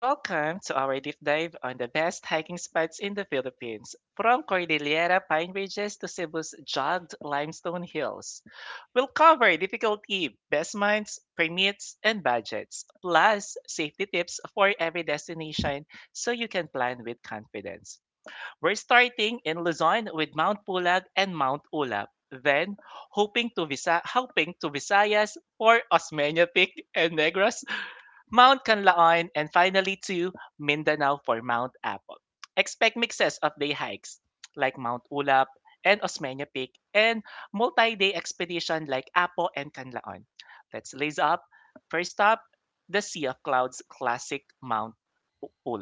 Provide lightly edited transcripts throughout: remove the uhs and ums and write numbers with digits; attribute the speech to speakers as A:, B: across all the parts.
A: Welcome to our deep dive on the best hiking spots in the Philippines, from Cordillera Pine Ridges to Cebu's jagged limestone hills. We'll cover difficulty, best minds, permits, and budgets, plus safety tips for every destination so you can plan with confidence. We're starting in Luzon with Mount Pulag and Mount Ulap. Then, hoping to visa, hoping to Visayas for Osmeña Peak and Negros Mount Canlaon, and finally to Mindanao for Mount Apple. Expect mixes of day hikes like Mount Ulap and Osmeña Peak and multi-day expedition like Apo and Canlaon. Let's lace up. First up, the Sea of Clouds classic Mount U-.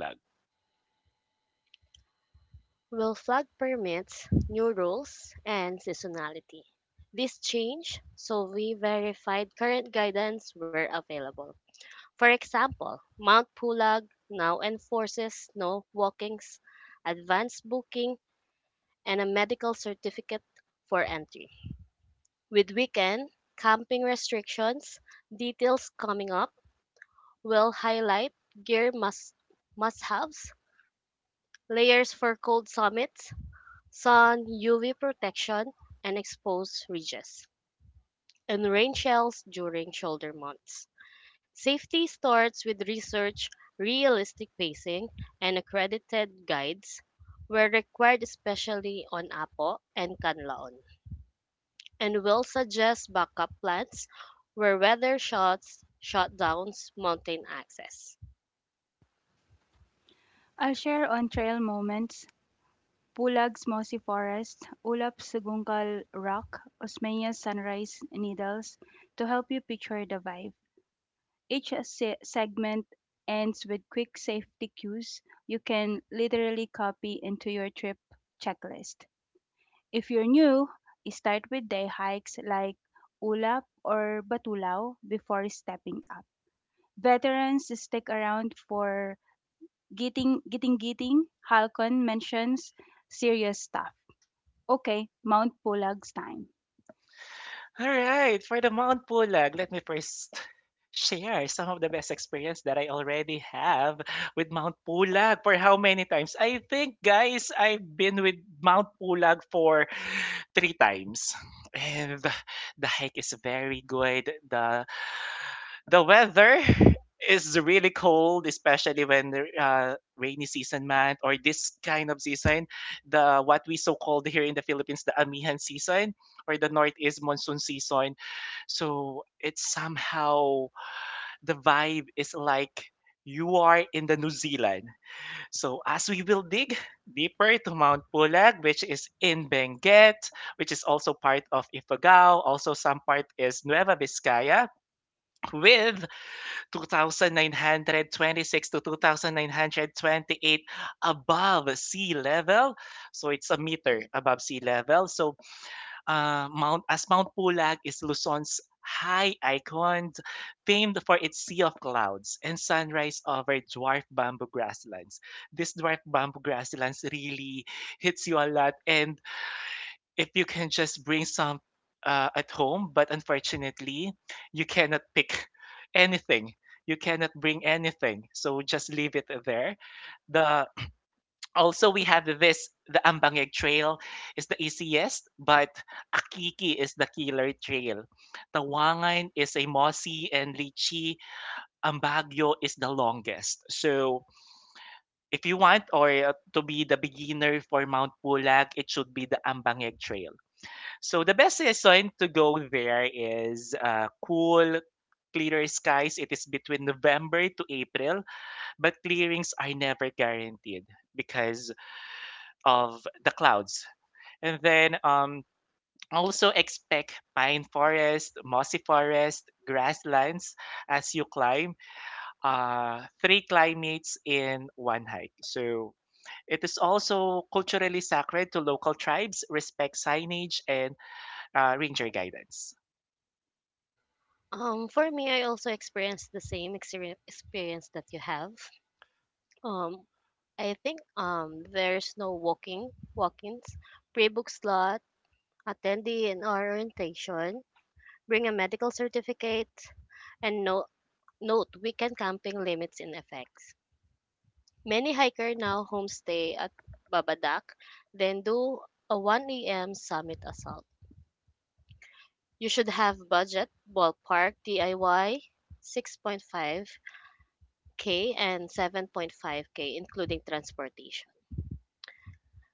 B: Will flag permits, new rules, and seasonality. This change, so we verified current guidance where available. For example, Mount Pulag now enforces no walkings, advanced booking, and a medical certificate for entry. With weekend camping restrictions, details coming up will highlight gear must-haves, layers for cold summits, sun, UV protection, and exposed ridges, and rain shells during shoulder months. Safety starts with research, realistic pacing, and accredited guides where required, especially on Apo and Canlaon, and will suggest backup plans where weather shots, shutdowns, mountain access.
C: I'll share on trail moments: Bulag's Mossy Forest, Ulap's Sagungal Rock, Osmeña's Sunrise Needles, to help you picture the vibe. Each segment ends with quick safety cues you can literally copy into your trip checklist. If you're new, start with day hikes like Ulap or Batulao before stepping up. Veterans stick around for Giting Giting Giting Halcon mentions, serious stuff. Okay, Mount Pulag's time.
A: All right, for the Mount Pulag, let me first share some of the best experience that I already have with Mount Pulag for how many times? I think, guys, I've been with Mount Pulag for three times. And the hike is very good. The weather is really cold, especially when the rainy season month or this kind of season, the what we so called here in the Philippines, the amihan season, or the north is monsoon season. So it's somehow the vibe is like you are in the New Zealand. So as we will dig deeper to Mount Pulag, which is in Benguet, which is also part of Ifugao, also some part is Nueva Vizcaya, with 2,926 to 2,928 above sea level. So it's a meter above sea level. So Mount Pulag is Luzon's high icon, famed for its sea of clouds and sunrise over dwarf bamboo grasslands. This dwarf bamboo grasslands really hits you a lot, and if you can just bring some at home, but unfortunately, you cannot pick anything. You cannot bring anything, so just leave it there. The Also we have this the Ambangeg Trail is the easiest, but Akiki is the killer trail. Tawangan is a mossy and lychee. Ambaggio is the longest. So if you want or to be the beginner for Mount Pulag, it should be the Ambangeg Trail. So the best season to go there is cool, clearer skies. It is between November to April, but clearings are never guaranteed because of the clouds. And then also expect pine forest, mossy forest, grasslands as you climb. Three climates in one hike. So it is also culturally sacred to local tribes, respect signage, and ranger guidance.
B: For me, I also experienced the same experience that you have. Um, I think there's no walking walk-ins, pre-book slot, attendee and orientation, bring a medical certificate, and no note weekend camping limits in effects. Many hiker now homestay at Babadak, then do a 1 a.m. summit assault. You should have budget, ballpark, DIY, 6.5K and 7.5K including transportation.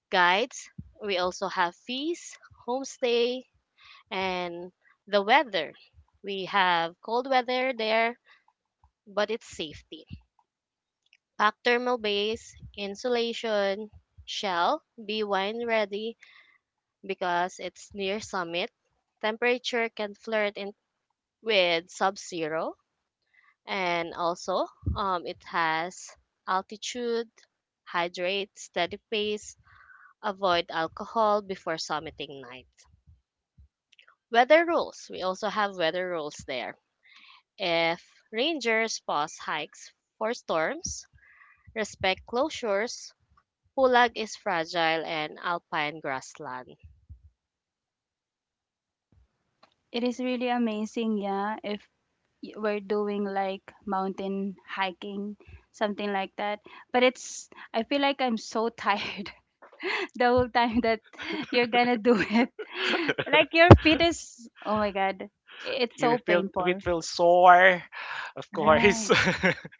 B: Guides. We also have fees, homestay, and the weather. We have cold weather there, but it's safety. Pack thermal base, insulation, shell, be wine ready because it's near summit. Temperature can flirt in with sub zero, and also it has altitude, hydrate, steady pace, avoid alcohol before summiting night. Weather rules. We also have weather rules there. If rangers pause hikes for storms, respect closures, pulag is fragile, and alpine grassland.
C: It is really amazing, yeah, if we're doing like mountain hiking, something like that. But it's, I feel like I'm so tired the whole time that you're gonna do it. Like your feet is, oh my god, it's
A: Your
C: so
A: feel
C: painful.
A: it will sore, of course.
C: Right.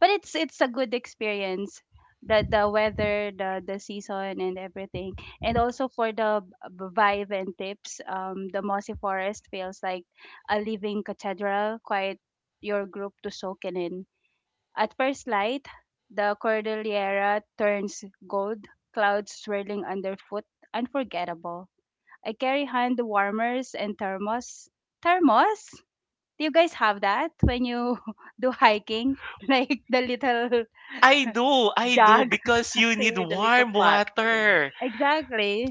C: But it's a good experience, the weather, the season, and everything. And also for the vibe and tips, the mossy forest feels like a living cathedral. Quiet your group to soak in. At first light, the Cordillera turns gold, clouds swirling underfoot, unforgettable. I carry hand warmers and thermos. Do you guys have that when you do hiking like the little
A: I do, I do,
C: jug?
A: because you
B: Same
A: need
B: with the little
A: warm
B: pot. Yeah.
A: water.
C: Exactly.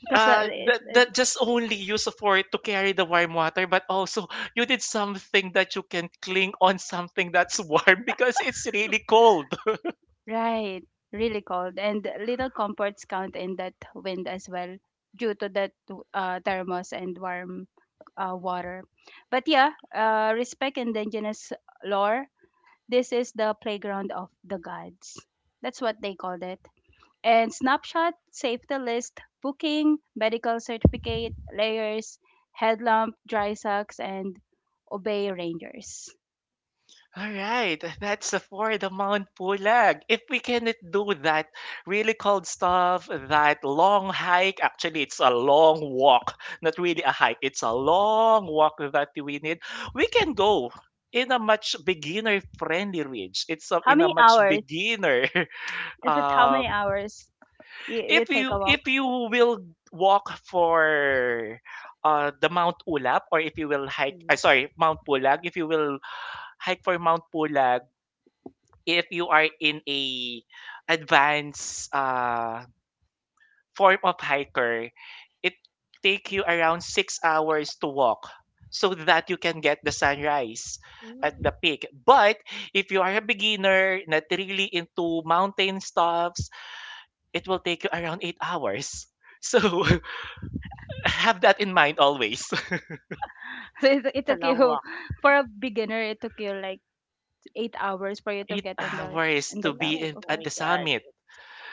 C: Because
A: uh
C: it,
A: that,
C: it
A: that just only use for it to carry the warm water, but also you need something that you can cling on, something that's warm because it's really cold.
C: Right, really cold, and little comforts count in that wind as well. Due to that, thermos and warm water. But yeah, respect indigenous lore. This is the playground of the gods, that's what they called it. And snapshot safety list: booking, medical certificate, layers, headlamp, dry socks, and obey rangers.
A: All right, that's the for the Mount Pulag. If we cannot do that really cold stuff, that long hike, actually, it's a long walk, not really a hike, it's a long walk that we need, we can go in a much beginner friendly ridge.
C: How
A: In a
C: many
A: much
C: hours?
A: beginner.
C: Is it, how many
A: Um,
C: hours you
A: if
C: take a
A: you if
C: walk?
A: you will walk for the Mount Ulap, or if you will hike, I
B: Mm.
A: sorry, Mount Pulag, if you will hike for Mount Pulag, if you are in a advanced form of hiker, it take you around 6 hours to walk so that you can get the sunrise at
B: Mm,
A: the peak. But if you are a beginner, not really into mountain stuffs, it will take you around 8 hours. So have that in mind always.
C: So it
B: it's a
C: took
B: long
C: you,
B: walk.
C: for a beginner, it took you like 8 hours for you to
A: Eight
C: get
A: hours
C: on the
A: to
C: top.
A: be
B: Mm,
A: in,
B: oh
C: Okay.
A: at
B: my
A: the
B: god.
A: summit.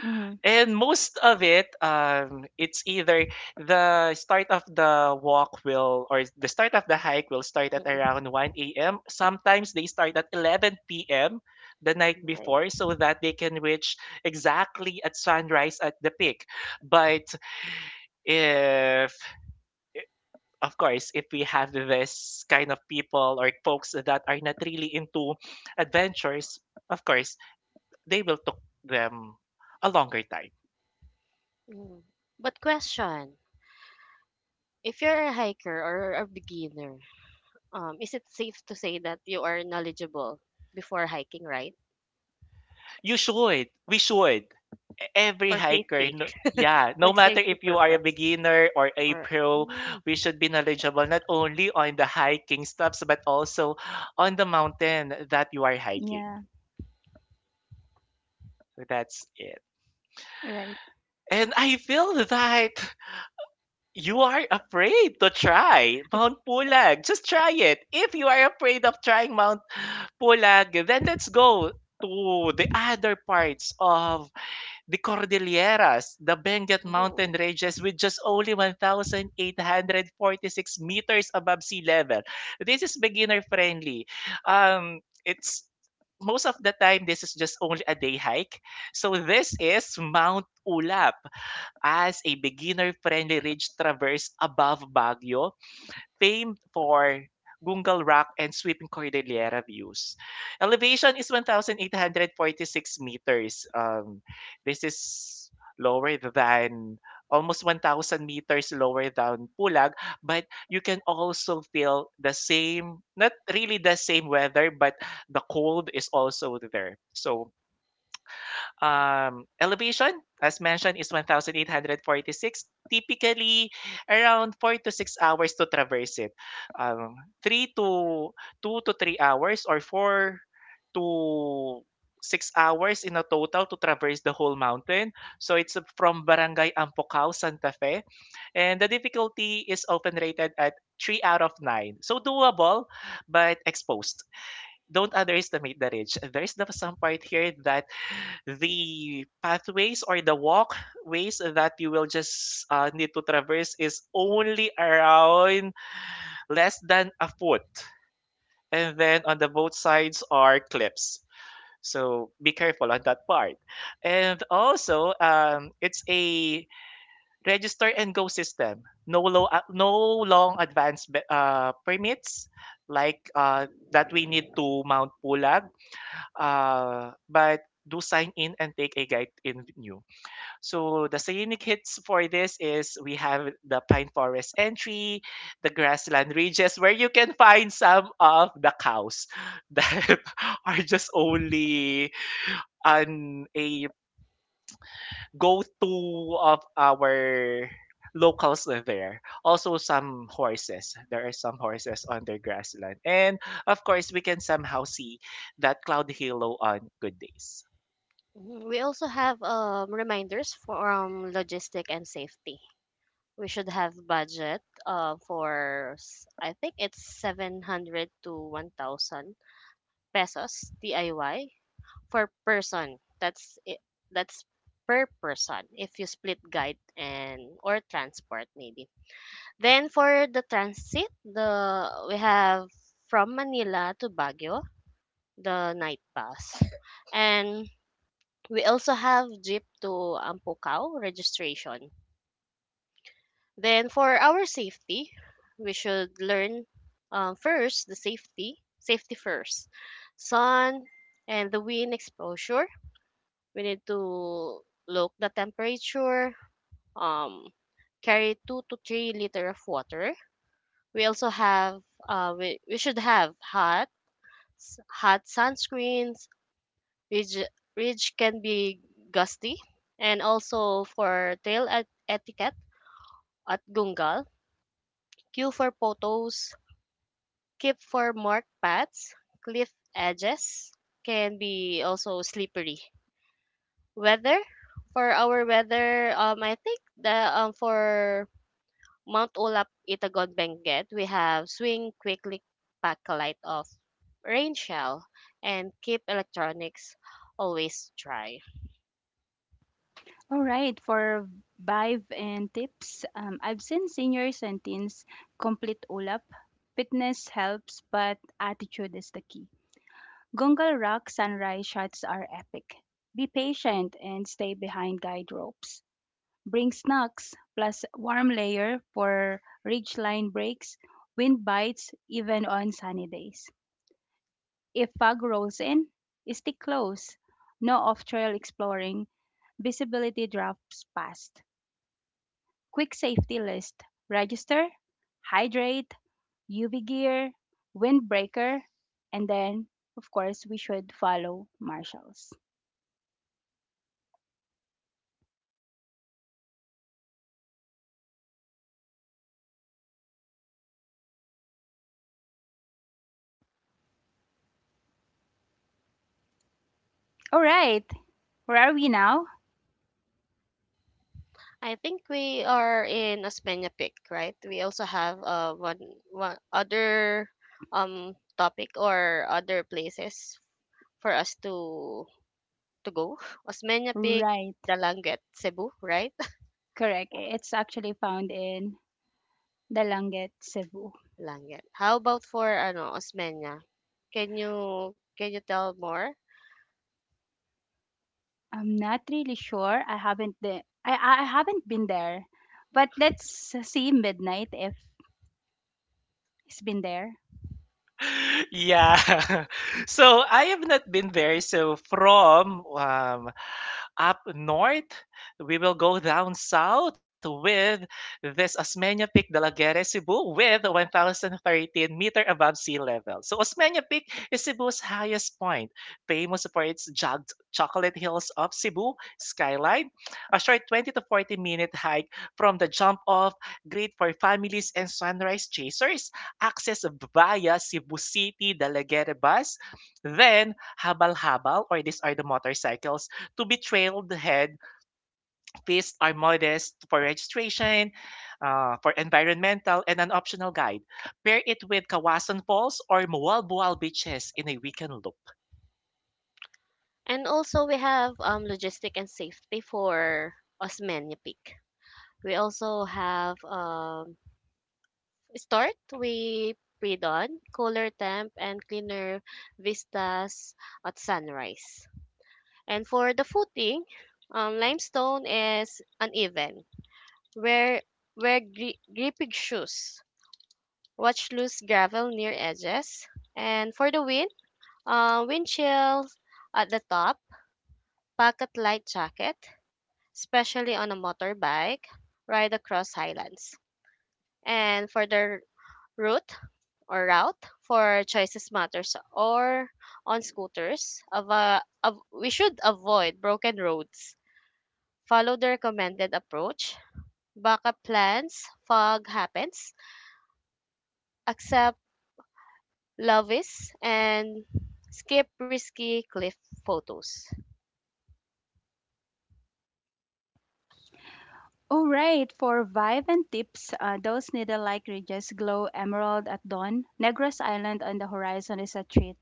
C: Mm-hmm.
A: And most of it, it's either the start of the walk will, or the start of the hike will start at
B: Mm-mm.
A: around 1 a.m. Sometimes they start at 11 p.m. the night
B: Nice.
A: before so that they can reach exactly at sunrise at the peak. But if, of course, if we have this kind of people or folks that are not really into adventures, of course, they will took them a longer time.
B: Mm. But question, if you're a hiker or a beginner, is it safe to say that you are knowledgeable before hiking, right?
A: You should. We should. Every
B: For
A: hiker,
B: safety.
A: no, yeah,
B: For
A: no matter
B: safety
A: if you are a
B: purpose.
A: beginner or a
B: Or
A: pro,
B: mm,
A: we should be knowledgeable not only on the hiking stops but also on the mountain that you are hiking.
C: Yeah.
A: So that's it.
C: Right.
A: And I feel that you are afraid to try Mount Pulag, just try it. If you are afraid of trying Mount Pulag, then let's go to the other parts of the Cordilleras, the Benguet
B: oh.
A: mountain ranges with just only 1,846 meters above sea level. This is beginner friendly. It's Most of the time this is just only a day hike. So this is Mount Ulap as a beginner friendly ridge traverse above Baguio, famed for Gungal Rock and sweeping Cordillera views. Elevation is 1,846 meters. This is lower than almost 1,000 meters lower than Pulag, but you can also feel the same, not really the same weather, but the cold is also there. So elevation, as mentioned, is 1,846, typically around 4 to 6 hours to traverse it. Um, 3 to 2 to 3 hours or 4 to 6 hours in a total to traverse the whole mountain. So it's from Barangay Ampocao, Santa Fe. And the difficulty is often rated at 3 out of 9. So doable, but exposed, don't underestimate the ridge. There's the some part here that the pathways or the walkways that you will just need to traverse is only around less than a foot. And then on the both sides are cliffs. So be careful on that part. And also, it's a register and go system. No low, no long advance permits like that we need to Mount Pulag. But do sign in and take a guide in new. So the scenic hits for this is we have the pine forest entry, the grassland ridges where you can find some of the cows that are just only an a go-to of our locals there. Also some horses. There are some horses on their grassland. And of course we can somehow see that cloud halo on good days.
B: Mhm. We also have reminders for logistic and safety. We should have budget for I think it's 700 to 1,000 pesos DIY for person. That's it. That's per person if you split guide and or transport maybe. Then for the transit, the we have from Manila to Baguio, the night bus. And we also have jeep to Ampucaw registration. Then for our safety, we should learn first the safety, safety first, sun and the wind exposure. We need to look the temperature, um, carry 2 to 3 liter of water. We also have we should have hot sunscreens, Ridge, ridge can be gusty, and also for trail etiquette at Gungal, queue for photos, keep for marked paths, cliff edges can be also slippery. Weather for our weather, I think the for Mount Olap Itagon Benguet we have swing quickly, pack a light of rain shell and keep electronics always dry.
C: All right. For vibe and tips, I've seen seniors and teens complete Ulap. Fitness helps, but attitude is the key. Gungal Rock sunrise shots are epic. Be patient and stay behind guide ropes. Bring snacks plus warm layer for ridgeline breaks, wind bites even on sunny days. If fog rolls in, stick close. No off-trail exploring. Visibility drops fast. Quick safety list: register, hydrate, UV gear, windbreaker, and then, of course, we should follow marshals. All right, where are we now?
B: I think we are in Osmeña Peak, right? We also have one other topic or other places for us to go. Osmeña Peak,
C: Right,
B: Dalanget, Cebu, right?
C: correct. It's actually found in Dalanget, Cebu.
B: Dalanget. How about for ano Osmeña? Can you tell more?
C: I'm not really sure. I haven't been there. But let's see Midnight if he's been there.
A: Yeah. So I have not been there. So from up north, we will go down south with this Osmeña Peak de la Guerra Cebu with 1,013 meter above sea level. So Osmeña Peak is Cebu's highest point, famous for its jagged chocolate hills of Cebu skyline. A short 20 to 40 minute hike from the jump off, great for families and sunrise chasers access via Cebu City Dalaguere bus, then habal-habal, or these are the motorcycles, to be trailed ahead. Fees are modest for registration, for environmental, and an optional guide. Pair it with Kawasan Falls or Mualbual beaches in a weekend loop.
B: And also we have logistic and safety for Osmeña Peak. We also have start with pre-dawn, cooler temp, and cleaner vistas at sunrise. And for the footing, limestone is uneven. Wear, wear gripping shoes. Watch loose gravel near edges. And for the wind, wind chills at the top. Pocket light jacket, especially on a motorbike. Ride across highlands. And for the route, or route for choices matters or on scooters we should avoid broken roads, follow the recommended approach, backup plans, fog happens, accept lovies, and skip risky cliff photos.
C: All right, for vibe and tips, those needle-like ridges glow emerald at dawn. Negros Island on the horizon is a treat.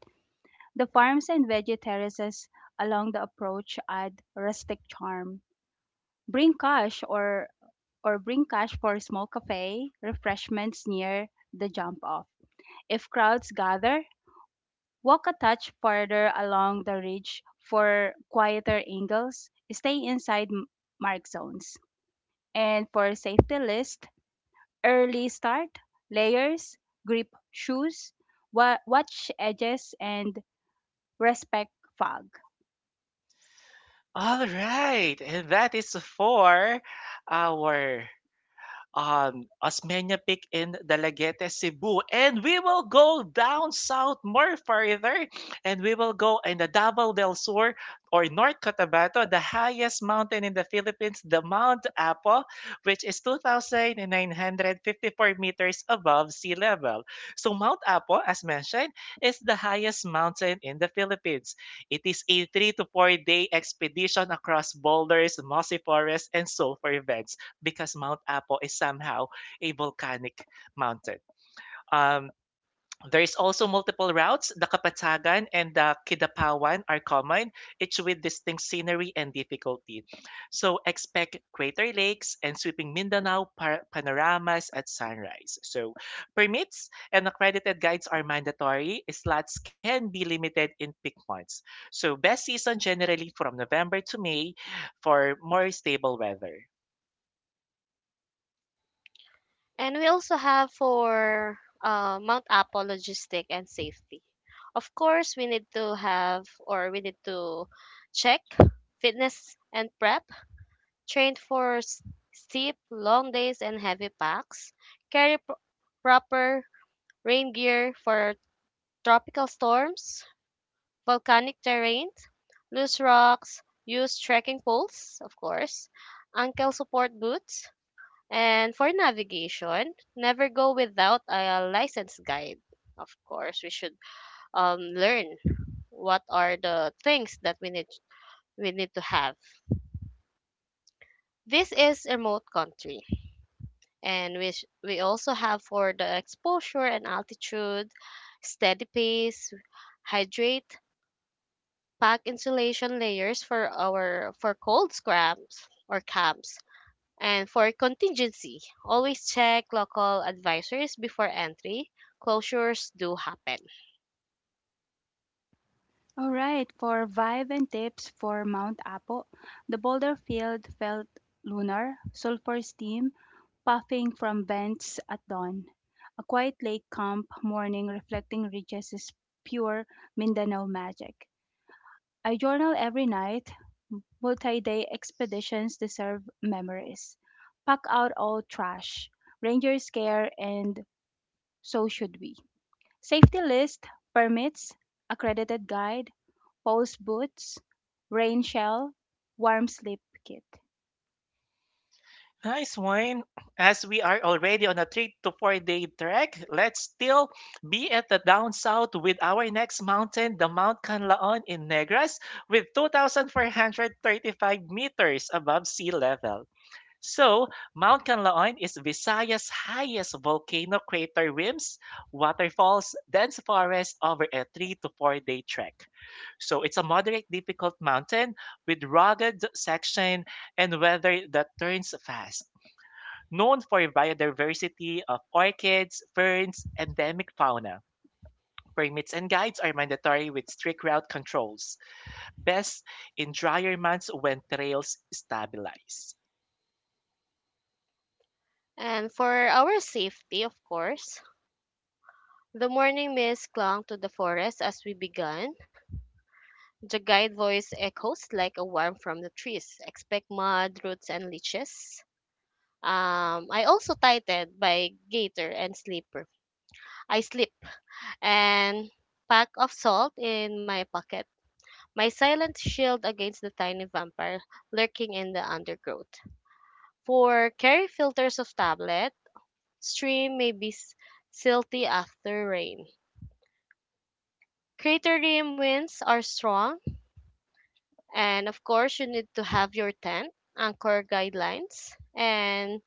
C: The farms and veggie terraces along the approach add rustic charm. Bring cash or bring cash for small cafe refreshments near the jump off. If crowds gather, walk a touch farther along the ridge for quieter angles. Stay inside mark zones. And for safety list: early start, layers, grip shoes, watch edges, and respect fog.
A: All right, and that is for our Osmeña Peak in Dalaguete, Cebu. And we will go down south more further and we will go in the Davao del Sur or North Cotabato, the highest mountain in the Philippines, the Mount Apo, which is 2,954 meters above sea level. So Mount Apo, as mentioned, is the highest mountain in the Philippines. It is a 3 to 4 day expedition across boulders, mossy forests, and sulfur beds because Mount Apo is somehow a volcanic mountain. Um, there is also multiple routes. The Kapatagan and the Kidapawan are common, each with distinct scenery and difficulty. So expect crater lakes and sweeping Mindanao panoramas at sunrise. So permits and accredited guides are mandatory. Slots can be limited in peak months. So best season generally from November to May for more stable weather.
B: And we also have for mount Apo logistic and safety, of course we need to have or we need to check fitness and prep, trained for steep, long days and heavy packs, carry proper rain gear for tropical storms, volcanic terrain, loose rocks, use trekking poles, of course, ankle support boots, and for navigation, never go without a licensed guide. Of course, we should learn what are the things that we need to have. This is a remote country, and which we also have for the exposure and altitude, steady pace, hydrate, pack insulation layers for our for cold scraps or camps. And for contingency, always check local advisories before entry. Closures do happen.
C: All right, for vibe and tips for Mount Apo, the boulder field felt lunar, sulfur steam puffing from vents at dawn. A quiet lake camp morning reflecting ridges is pure Mindanao magic. I journal every night. Multi day expeditions deserve memories. Pack out all trash. Rangers care, and so should we. Safety list: permits, accredited guide, Pose Boots, Rain Shell, Warm Sleep Kit.
A: Nice wine. As we are already on a 3 to 4 day trek, let's still be at the down south with our next mountain, the Mount Canlaon in Negros, with 2,435 meters above sea level. So, Mount Canlaon is Visayas' highest volcano crater rims, waterfalls, dense forest over a 3 to 4 day trek. So it's a moderate difficult mountain with rugged section and weather that turns fast, known for biodiversity of orchids, ferns, endemic fauna. Permits and guides are mandatory with strict route controls, best in drier months when trails stabilize.
B: And for our safety, of course, the morning mist clung to the forest as we began. The guide voice echoes like a worm from the trees. Expect mud, roots, and leeches. I also tightened my gaiter and slipper. I slip and pack of salt in my pocket. My silent shield against the tiny vampire lurking in the undergrowth. For carry filters of tablet, stream may be silty after rain. Crater rim winds are strong, and of course, you need to have your tent, anchor guidelines, and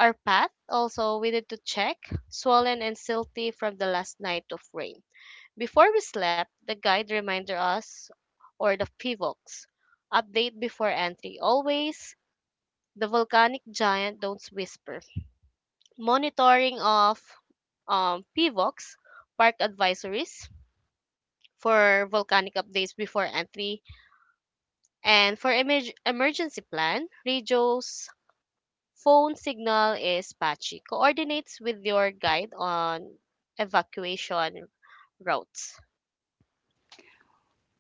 B: our path also we need to check, swollen and silty from the last night of rain. Before we slept, the guide reminded us or the pivox. Update before entry always. The volcanic giant don't whisper. Monitoring of PVOX, park advisories for volcanic updates before entry, and for emergency plan, radios, phone signal is patchy. Coordinates with your guide on evacuation routes.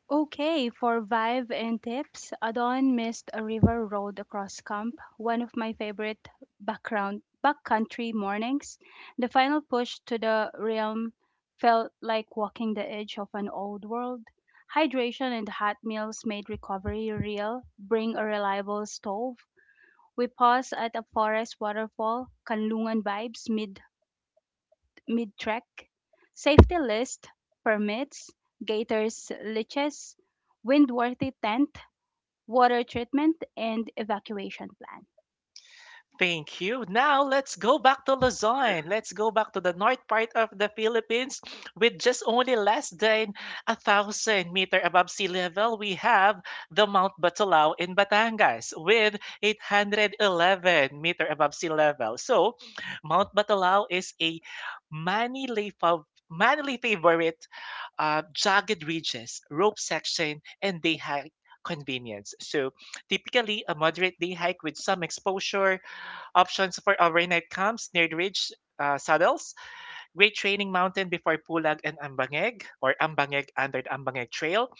C: Okay, for vibe and tips, Adon missed a river road across camp, one of my favorite background backcountry mornings. The final push to the realm felt like walking the edge of an old world. Hydration and hot meals made recovery real. Bring a reliable stove. We paused at a forest waterfall, Kanlungan vibes mid-trek, safety list: permits, gators, leashes, windworthy tent, water treatment, and evacuation plan.
A: Thank you. Now let's go back to Luzon. Let's go back to the north part of the Philippines with just only less than a thousand meter above sea level. We have the Mount Batolao in Batangas with 811-meter above sea level. So Mount Batolao is a manly favorite, jagged ridges, rope section, and day hike convenience. So typically a moderate day hike with some exposure. Options for overnight camps near the ridge saddles, great training mountain before Pulag and Ambangeg, or Ambangeg under the Ambangeg Trail.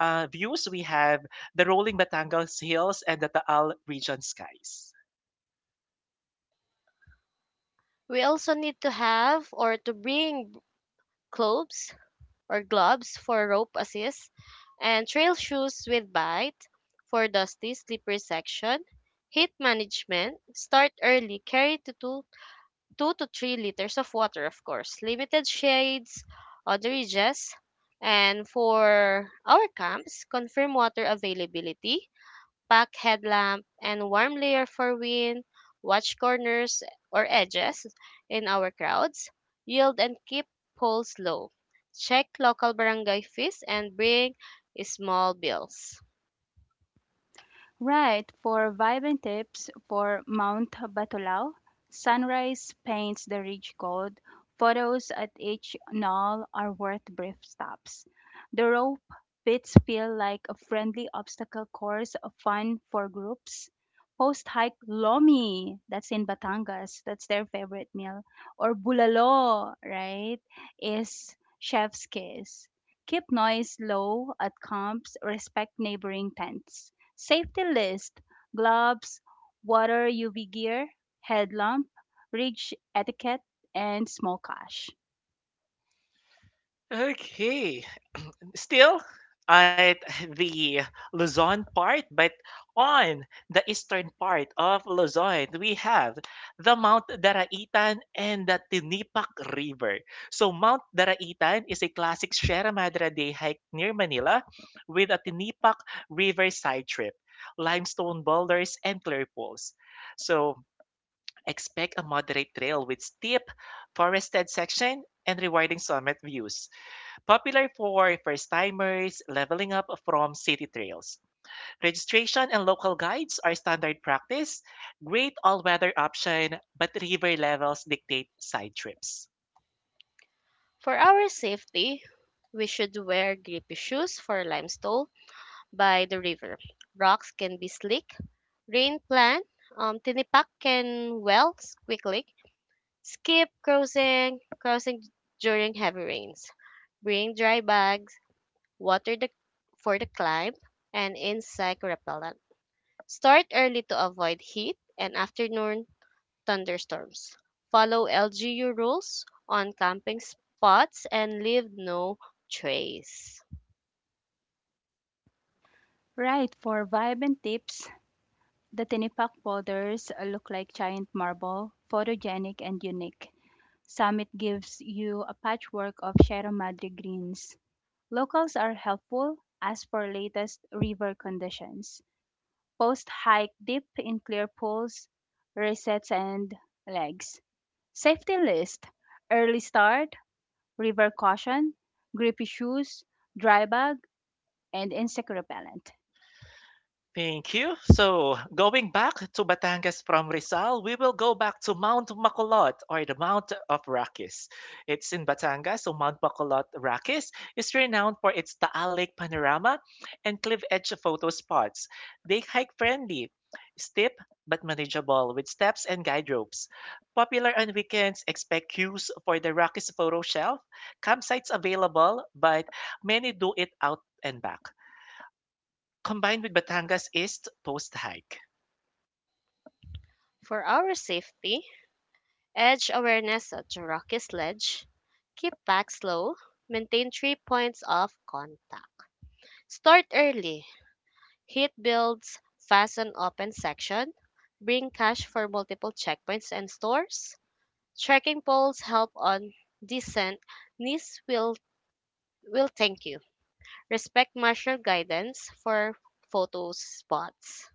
A: Views, we have the rolling Batangas hills and the Taal region skies.
B: We also need to have or to bring gloves or gloves for rope assist and trail shoes with bite for dusty, slippery section. Heat management. Start early. Carry 2 to 3 liters of water, of course. Limited shades on the ridges. And for our camps, confirm water availability, pack headlamp, and warm layer for wind, watch corners or edges in our crowds, yield and keep poles low, check local barangay fees, and bring small bills.
C: Right, for vibrant tips for Mount Batulao, sunrise paints the ridge gold. Photos at each knoll are worth brief stops. The rope pits feel like a friendly obstacle course, of fun for groups. Post hike Lomi, that's in Batangas, that's their favorite meal. Or Bulalo, right, is chef's kiss. Keep noise low at camps, respect neighboring tents. Safety list: gloves, water, UV gear, headlamp, etiquette, and small cash.
A: Okay. Still, at the Luzon part, but on the eastern part of Luzon, we have the Mount Daraitan and the Tinipak River. So Mount Daraitan is a classic Sierra Madre day hike near Manila with a Tinipak River side trip, limestone boulders, and clear pools. So expect a moderate trail with steep, forested section and rewarding summit views, popular for first-timers leveling up from city trails. Registration and local guides are standard practice, great all-weather option, but river levels dictate side trips.
B: For our safety, we should wear grippy shoes for limestone by the river. Rocks can be slick, rain plan, tinipak can well quickly, skip crossing during heavy rains. Bring dry bags, water the, for the climb, and insect repellent. Start early to avoid heat and afternoon thunderstorms. Follow LGU rules on camping spots and leave no trace.
C: Right, for vibe and tips, the Tinipak boulders look like giant marble, photogenic and unique. Summit gives you a patchwork of Sierra Madre greens. Locals are helpful as for latest river conditions. Post hike deep in clear pools, resets, and legs. Safety list: early start, river caution, grippy shoes, dry bag, and insect repellent.
A: Thank you. So, going back to Batangas from Rizal, we will go back to Mount Makulot or the Mount of Rakis. It's in Batangas, so Mount Makulot Rakis is renowned for its Taal Lake panorama and cliff edge photo spots. They hike friendly, steep but manageable with steps and guide ropes. Popular on weekends, expect queues for the Rakis photo shelf. Campsites available, but many do it out and back. Combined with Batangas is Post Hike.
B: For our safety, edge awareness at the rocky ledge. Keep back slow, maintain three points of contact. Start early. Heat builds fast on open section. Bring cash for multiple checkpoints and stores. Trekking poles help on descent. Knees will thank you. Respect martial guidance for photo spots.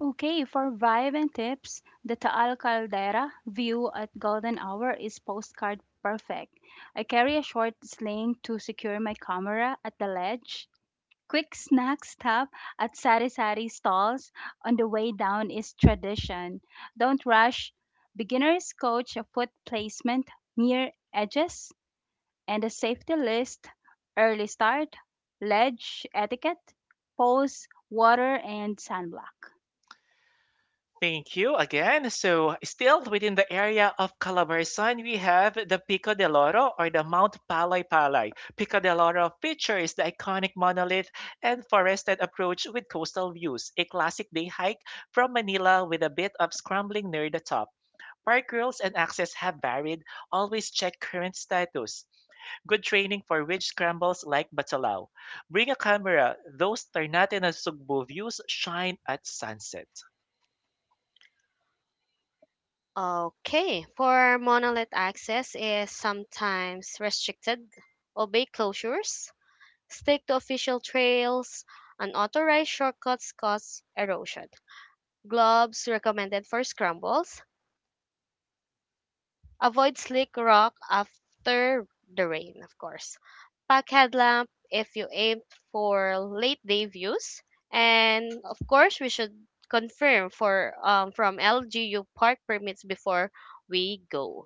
C: Okay, for vibe and tips, the Taal Caldera view at golden hour is postcard perfect. I carry a short sling to secure my camera at the ledge. Quick snack stop at sari sari stalls on the way down is tradition. Don't rush. Beginners coach a foot placement near edges. And a safety list: early start, ledge etiquette, pose, water, and sunblock.
A: Thank you again. So, still within the area of Calabarzon, we have the Pico del Oro or the Mount Palay Palay. Pico del Oro features the iconic monolith and forested approach with coastal views, a classic day hike from Manila with a bit of scrambling near the top. Park rules and access have varied. Always check current status. Good training for witch scrambles like Bacalao. Bring a camera. Those Ternate and Sugbo views shine at sunset.
B: Okay, for monolith access is sometimes restricted. Obey closures. Stick to official trails. Unauthorized shortcuts cause erosion. Gloves recommended for scrambles. Avoid slick rock after the rain, of course. Pack headlamp if you aim for late day views. And of course, we should confirm for from LGU park permits before we go.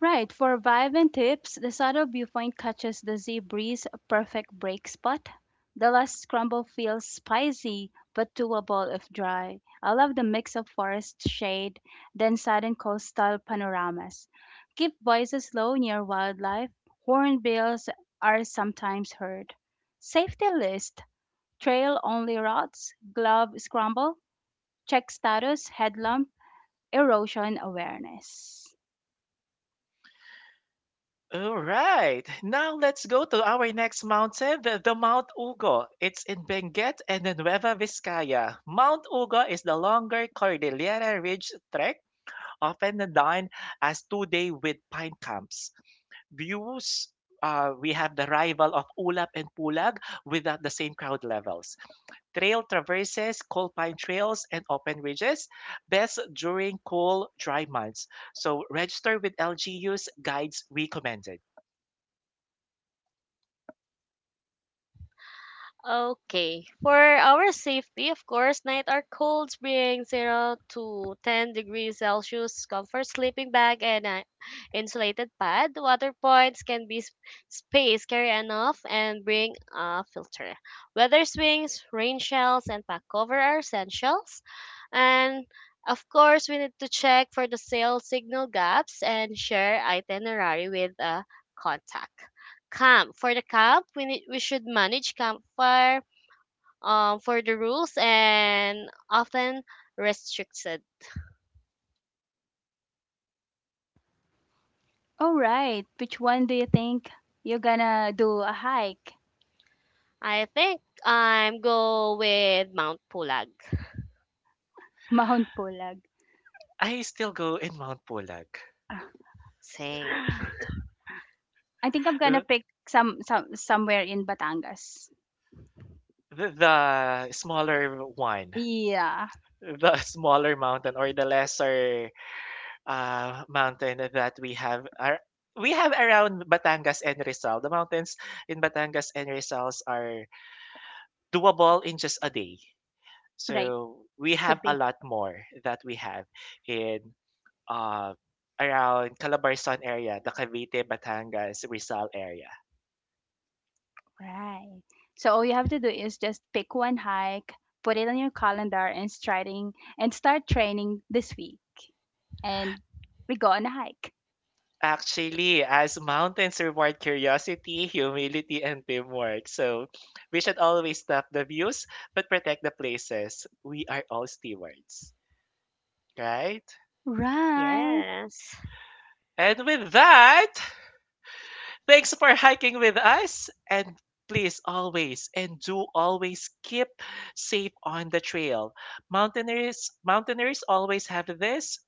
C: Right, for vibe and tips, the subtle viewpoint catches the Z breeze, a perfect break spot. The last scramble feels spicy but doable if dry. I love the mix of forest shade, then sudden coastal panoramas. Keep voices low near wildlife. Hornbills are sometimes heard. Safety list: trail only routes, glove scramble, check status, headlamp, erosion awareness.
A: All right, now let's go to our next mountain, the Mount Ugo. It's in Benguet and in Nueva Vizcaya. Mount Ugo is the longer Cordillera Ridge trek, often done as 2-day with pine camps. Views, we have the rival of Ulap and Pulag without the same crowd levels. Trail traverses, coal pine trails, and open ridges, best during cool, dry months. So register with LGU's guides recommended.
B: Okay. For our safety, of course, night are cold, being 0 to 10 degrees Celsius, comfort sleeping bag and an insulated pad. Water points can be space, carry enough, and bring a filter. Weather swings, rain shells, and pack cover are essentials. And of course, we need to check for the sale signal gaps and share itinerary with a contact camp for the camp we should manage campfire for the rules and often restricted.
C: All right, which one do you think you're gonna do a hike?
B: I think I'm go with Mount Pulag.
C: Mount Pulag.
A: I still go in Mount Pulag,
C: Ah,
B: Same.
C: I think I'm gonna
A: the,
C: pick somewhere in Batangas.
A: the smaller one,
C: Yeah,
A: the smaller mountain or the lesser mountain that we have around Batangas and Rizal. The mountains in Batangas and Rizal are doable in just a day.
C: right.
A: So we have
C: Could
A: a
C: be.
A: lot more that we have in uh, around Calabarzon area, the Cavite, Batangas, Rizal area.
C: Right. So all you have to do is just pick one hike, put it on your calendar and start training this week. And we go on a hike.
A: Actually, as mountains reward curiosity, humility, and teamwork. So we should always stop the views but protect the places. We are all stewards, right?
C: Right.
B: Yes.
A: And with that, thanks for hiking with us. And please always and do always keep safe on the trail. Mountaineers always have this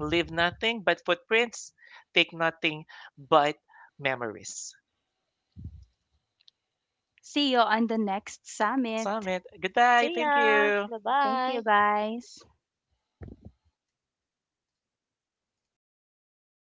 A: leave nothing but footprints, take nothing but memories.
C: See you on the next summit.
A: Summit, goodbye.
B: See ya,
A: Thank you.
B: bye
C: Thank
B: bye.
C: you, guys.